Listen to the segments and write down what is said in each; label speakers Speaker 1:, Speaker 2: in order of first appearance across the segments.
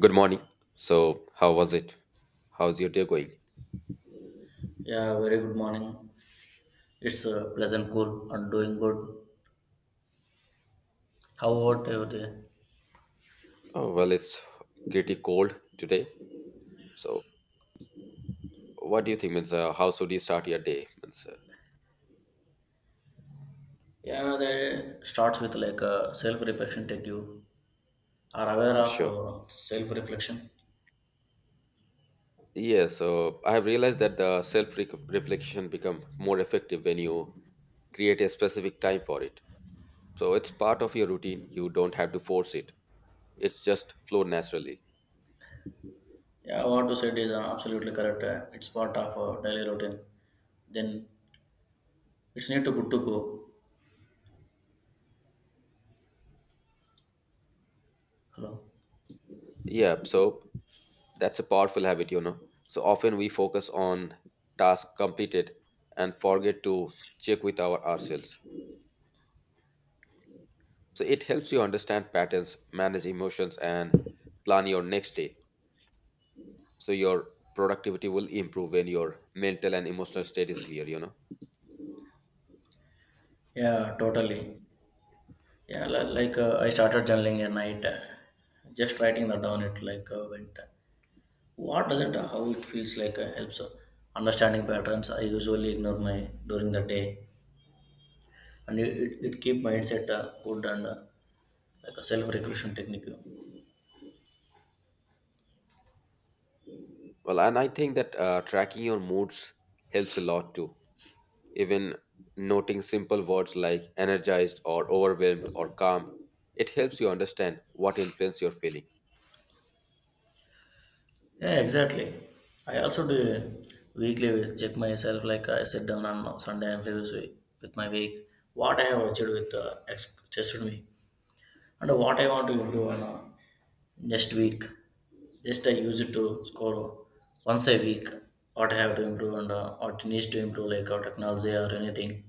Speaker 1: Good morning. So, how was it? How's your day going?
Speaker 2: Yeah, very good morning. It's pleasant, cool, and doing good. How about your day?
Speaker 1: Oh, well, it's pretty cold today. So, what do you think? Means, how should you start your day? Means,
Speaker 2: Yeah, they starts with like self-reflection. Take you are aware of
Speaker 1: sure.
Speaker 2: self-reflection.
Speaker 1: Yeah. So, I have realized that the self-reflection become more effective when you create a specific time for it. So, it's part of your routine. You don't have to force it. It's just flow naturally.
Speaker 2: Yeah, what you said is absolutely correct. It's part of daily routine. Then it's need to good to go. Hello.
Speaker 1: Yeah, so that's a powerful habit, you know. So often we focus on tasks completed and forget to check with ourselves. So it helps you understand patterns, manage emotions, and plan your next day. So your productivity will improve when your mental and emotional state is clear, you know.
Speaker 2: Yeah, totally. Yeah, I started journaling at night, just writing that down. It like went. What doesn't
Speaker 1: Mhm.
Speaker 2: how it feels like helps understanding patterns I usually ignore my during the day, and it keep mindset good and like a self regulation technique.
Speaker 1: Well, and I think that tracking your moods helps a lot too. Even noting simple words like energized or overwhelmed or calm, it helps you understand what influence you're feeling.
Speaker 2: Yeah, exactly. I also do weekly check myself like I sit down on Sunday and review with my week what I have achieved with just with me. And what I want to do on next week, just I use it to score once a week what I have to improve and what needs to improve, like our technology or anything.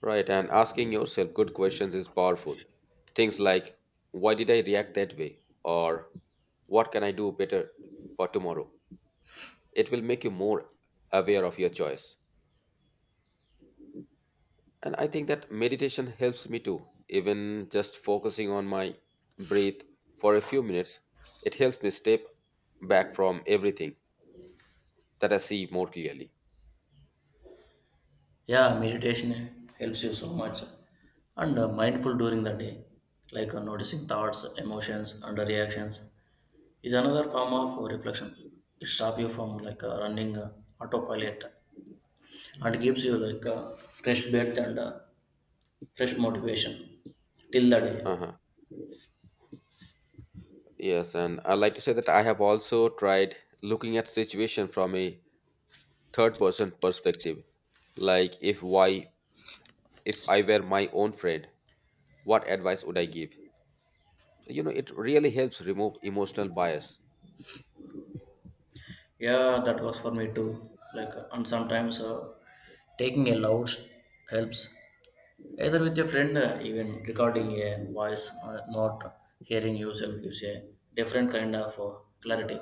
Speaker 1: Right, and asking yourself good questions is powerful. Things like, why did I react that way? Or what can I do better for tomorrow? It will make you more aware of your choice. And I think that meditation helps me too. Even just focusing on my breath for a few minutes, it helps me step back from everything that I see more clearly.
Speaker 2: Yeah, meditation helps you so much. And mindful during the day, like noticing thoughts, emotions, and reactions, is another form of reflection. It stops you from like running autopilot and gives you like fresh breath and fresh motivation till the day.
Speaker 1: Uh-huh. Yes, and I like to say that I have also tried looking at situation from a third person perspective. Like if why if I were my own friend, what advice would I give? You know, it really helps remove emotional bias.
Speaker 2: Yeah, that works for me too. Like, and sometimes taking a loud helps. Either with your friend, even recording a voice, not hearing yourself gives a different kind of clarity.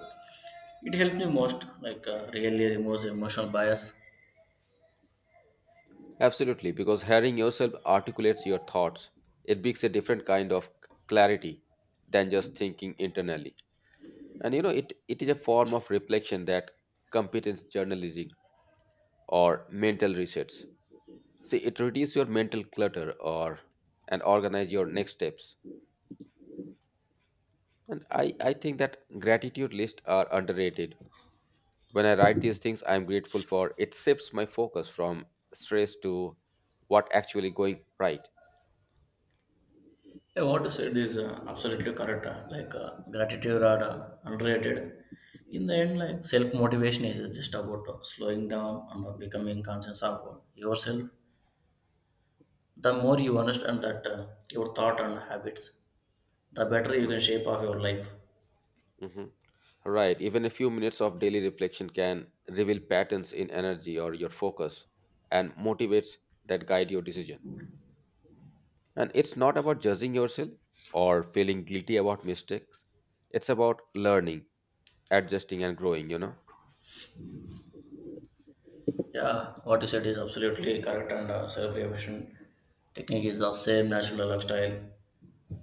Speaker 2: It helps me most, like, really removes emotional bias.
Speaker 1: Absolutely, because hearing yourself articulates your thoughts. It brings a different kind of clarity than just thinking internally. And you know, it is a form of reflection that competence journalism or mental research. See, it reduces your mental clutter or and organize your next steps. And I think that gratitude lists are underrated. When I write these things I'm grateful for, it shifts my focus from stress to what actually going right.
Speaker 2: Yeah, what you said is absolutely correct. Like, gratitude are underrated. In the end, like, self motivation is just about slowing down and becoming conscious of yourself. The more you understand that your thought and habits, the better you can shape of your life.
Speaker 1: Mm-hmm. Right. Even a few minutes of daily reflection can reveal patterns in energy or your focus and motivates that guide your decision. And it's not about judging yourself or feeling guilty about mistakes. It's about learning, adjusting, and growing, you know?
Speaker 2: Yeah, what you said is absolutely correct, and self-realization technique is the same natural lifestyle,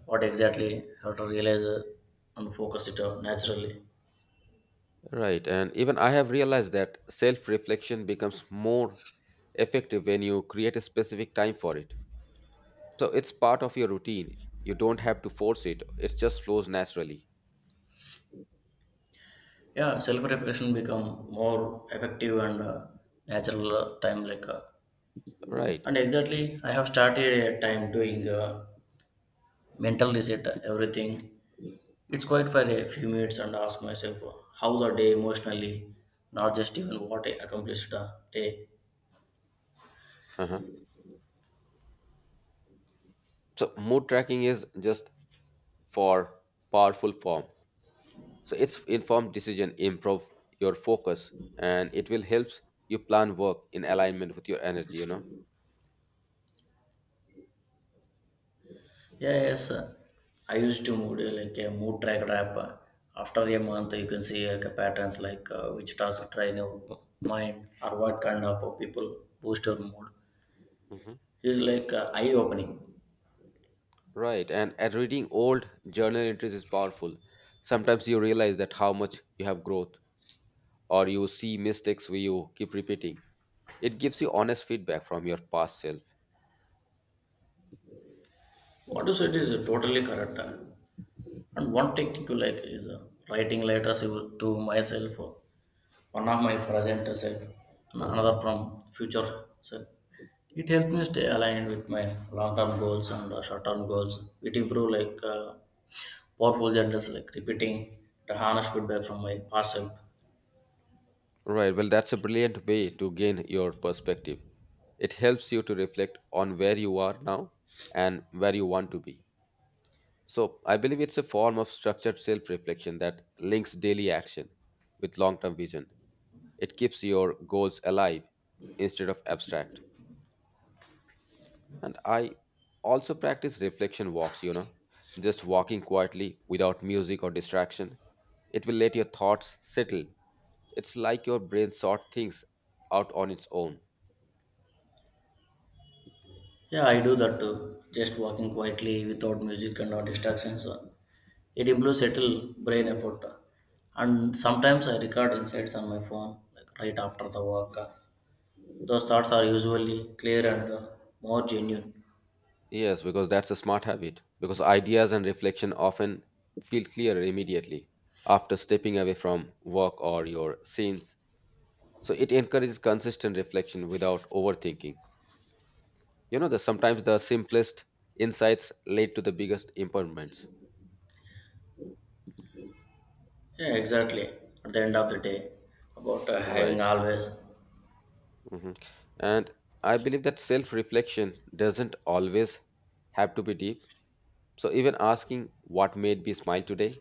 Speaker 2: what exactly how to realize and focus it out naturally.
Speaker 1: Right. And even I have realized that self reflection becomes more effective when you create a specific time for it. So it's part of your routine. You don't have to force it, it just flows naturally.
Speaker 2: Yeah, self-reflection become more effective and natural time like
Speaker 1: Right.
Speaker 2: and exactly I have started a time doing mental reset everything. It's quiet for a few minutes and ask myself how the day emotionally, not just even what I accomplished the day.
Speaker 1: Uh-huh. So mood tracking is just for powerful form. So it's informed decision improve your focus and it will help you plan work in alignment with your energy, you know.
Speaker 2: Yeah, yes, I used to mood like a mood track rap. After a month, you can see like patterns like which task train your mind or what kind of people boost your mood.
Speaker 1: Hmm.
Speaker 2: It's like eye opening.
Speaker 1: Right. And at reading old journal entries is powerful. Sometimes you realize that how much you have growth or you see mistakes where you keep repeating. It gives you honest feedback from your past self.
Speaker 2: What you said is totally correct. And one technique you like is writing letters to myself. One of my present self, and another from future self. It helped me stay aligned with my long-term goals and short-term goals. It improved like powerful journals, like repeating the honest feedback from my past self.
Speaker 1: Right. Well, that's a brilliant way to gain your perspective. It helps you to reflect on where you are now and where you want to be. So, I believe it's a form of structured self reflection that links daily action with long term vision. It keeps your goals alive instead of abstract. And I also practice reflection walks, you know, just walking quietly without music or distraction. It will let your thoughts settle. It's like your brain sort things out on its own.
Speaker 2: Yeah, I do that too. Just walking quietly without music and no distractions. It improves subtle brain effort. And sometimes I record insights on my phone, like right after the walk. Those thoughts are usually clear and more genuine.
Speaker 1: Yes, because that's a smart habit. Because ideas and reflection often feel clearer immediately after stepping away from work or your scenes. So it encourages consistent reflection without overthinking. You know, the sometimes the simplest insights lead to the biggest improvements.
Speaker 2: Yeah, exactly. At the end of the day, about having
Speaker 1: Right.
Speaker 2: always.
Speaker 1: Hmm. And I believe that self reflection doesn't always have to be deep. So even asking what made me smile today,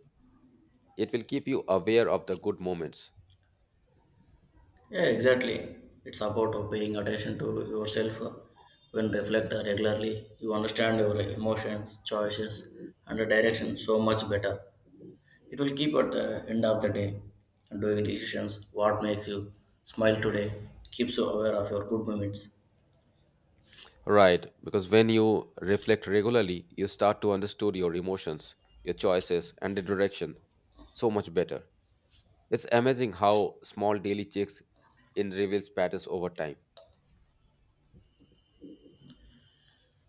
Speaker 1: it will keep you aware of the good moments.
Speaker 2: Yeah, exactly. It's about paying attention to yourself. When reflect regularly, you understand your emotions, choices, and the direction
Speaker 1: Mhm.
Speaker 2: so much better. It will keep at the end of the day doing decisions. What makes you smile today keeps you aware of your good moments.
Speaker 1: Right, because when you reflect regularly, you start to understand your emotions, your choices, and the direction so much better. It's amazing how small daily checks in reveals patterns over time.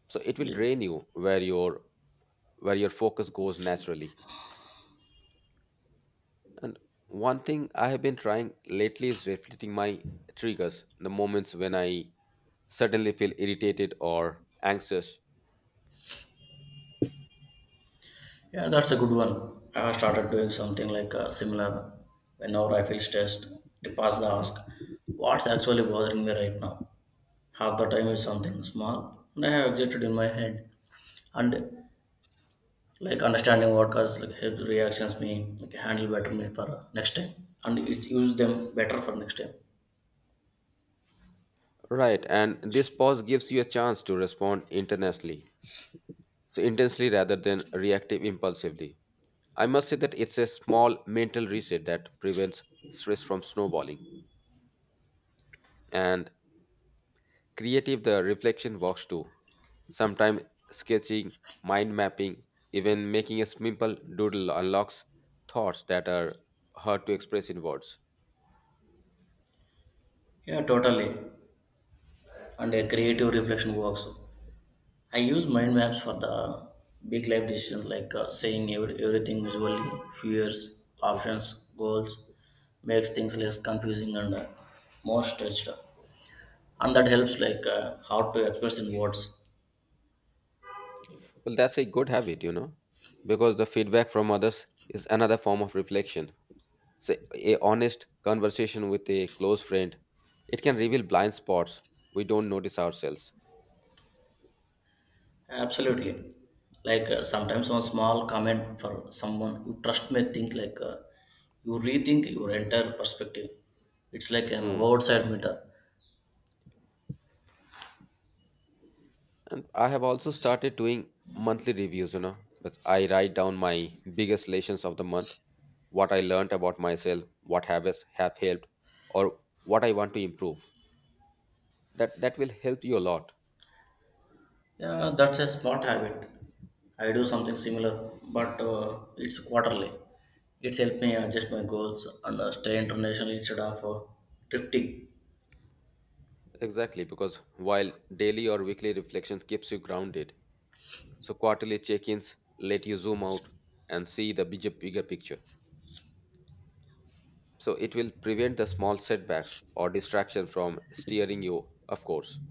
Speaker 1: So it will
Speaker 2: Yeah.
Speaker 1: drain you where your focus goes naturally. And one thing I have been trying lately is reflecting my triggers, the moments when I suddenly feel irritated or anxious.
Speaker 2: Yeah, that's a good one. I have started doing something like similar whenever I feel stressed. I pass the ask,
Speaker 1: Mhm.
Speaker 2: what's actually bothering me right now? Half the time is something small, and I have exited in my head. And like understanding what causes like helps reactions me like handle better me for next time, and it's use them better for next time.
Speaker 1: Right, and this pause gives you a chance to respond internationally so intensely rather than reactive impulsively. I must say that it's a small mental reset that prevents stress from snowballing, and creative the reflection works too. Sometimes sketching, mind mapping, even making a simple doodle unlocks thoughts that are hard to express in words.
Speaker 2: Yeah, totally. And a creative reflection works. I use mind maps for the big life decisions like seeing everything visually, fears, options, goals, makes things less confusing and more stretched. And that helps like how to express in words.
Speaker 1: Well, that's a good habit, you know, because the feedback from others is another form of reflection. So, a honest conversation with a close friend, it can reveal blind spots we don't notice ourselves.
Speaker 2: Absolutely. Like sometimes one small comment for someone you trust may think like you rethink your entire perspective. It's like an
Speaker 1: Hmm.
Speaker 2: outside meter.
Speaker 1: And I have also started doing monthly reviews, you know, but I write down my biggest lessons of the month, what I learned about myself, what habits have helped, or what I want to improve. That will help you a lot.
Speaker 2: Yeah, that's a smart habit. I do something similar, but it's quarterly. It's helped me adjust my goals and stay international instead of drifting.
Speaker 1: Exactly, because while daily or weekly reflections keeps you grounded, so quarterly check-ins let you zoom out and see the bigger picture. So it will prevent the small setbacks or distraction from steering you, of course.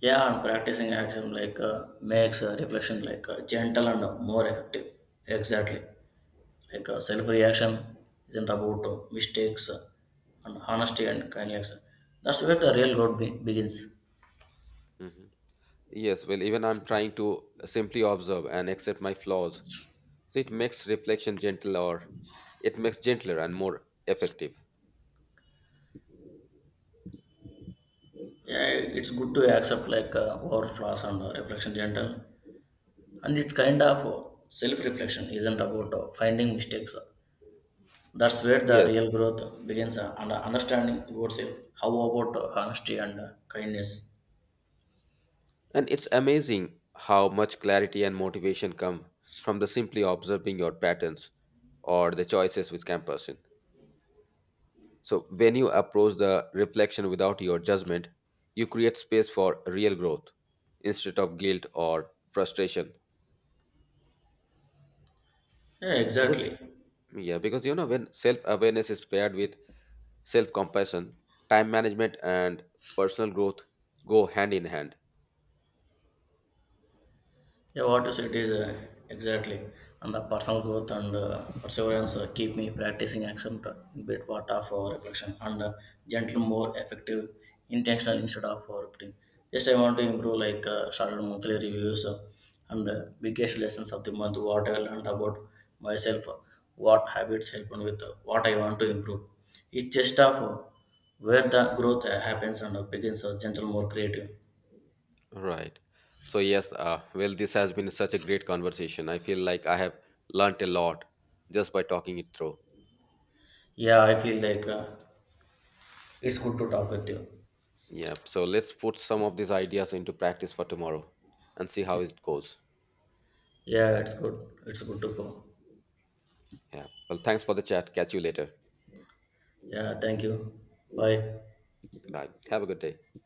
Speaker 2: Yeah, and practicing action like makes reflection like gentle and more effective. Exactly. Like self reaction isn't about mistakes and honesty and kindness. That's where the real begins.
Speaker 1: Mhm. Yes, well, even I'm trying to simply observe and accept my flaws. So it makes reflection gentle or it makes gentler and more effective.
Speaker 2: Yeah, it's good to accept like our flaws and reflection gentle, and it's kind of self-reflection isn't about finding mistakes. That's where the
Speaker 1: Yes.
Speaker 2: real growth begins, and understanding yourself, how about honesty and kindness.
Speaker 1: And it's amazing how much clarity and motivation come from the simply observing your patterns or the choices which can person. So, when you approach the reflection without your judgment, you create space for real growth instead of guilt or frustration.
Speaker 2: Yeah,
Speaker 1: Because,
Speaker 2: exactly.
Speaker 1: yeah, because you know, when self awareness is paired with self compassion, time management and personal growth go hand in hand.
Speaker 2: Yeah, what you said is exactly, and the personal growth and perseverance keep me practicing accent a bit part of reflection and gentle, more effective, intentional instead of repeating. Just I want to improve like started monthly reviews and the biggest lessons of the month. What I learned about myself, what habits help me with, what I want to improve. It's just of where the growth happens and begins. Gentle, more creative.
Speaker 1: Right. So, yes, well, this has been such a great conversation. I feel like I have learnt a lot just by talking it through.
Speaker 2: Yeah, I feel like it's good to talk with you.
Speaker 1: Yeah. So, let's put some of these ideas into practice for tomorrow and see how it goes.
Speaker 2: Yeah, it's good. It's good to go.
Speaker 1: Yeah. Well, thanks for the chat. Catch you later.
Speaker 2: Yeah, thank you. Bye.
Speaker 1: Bye. Have a good day.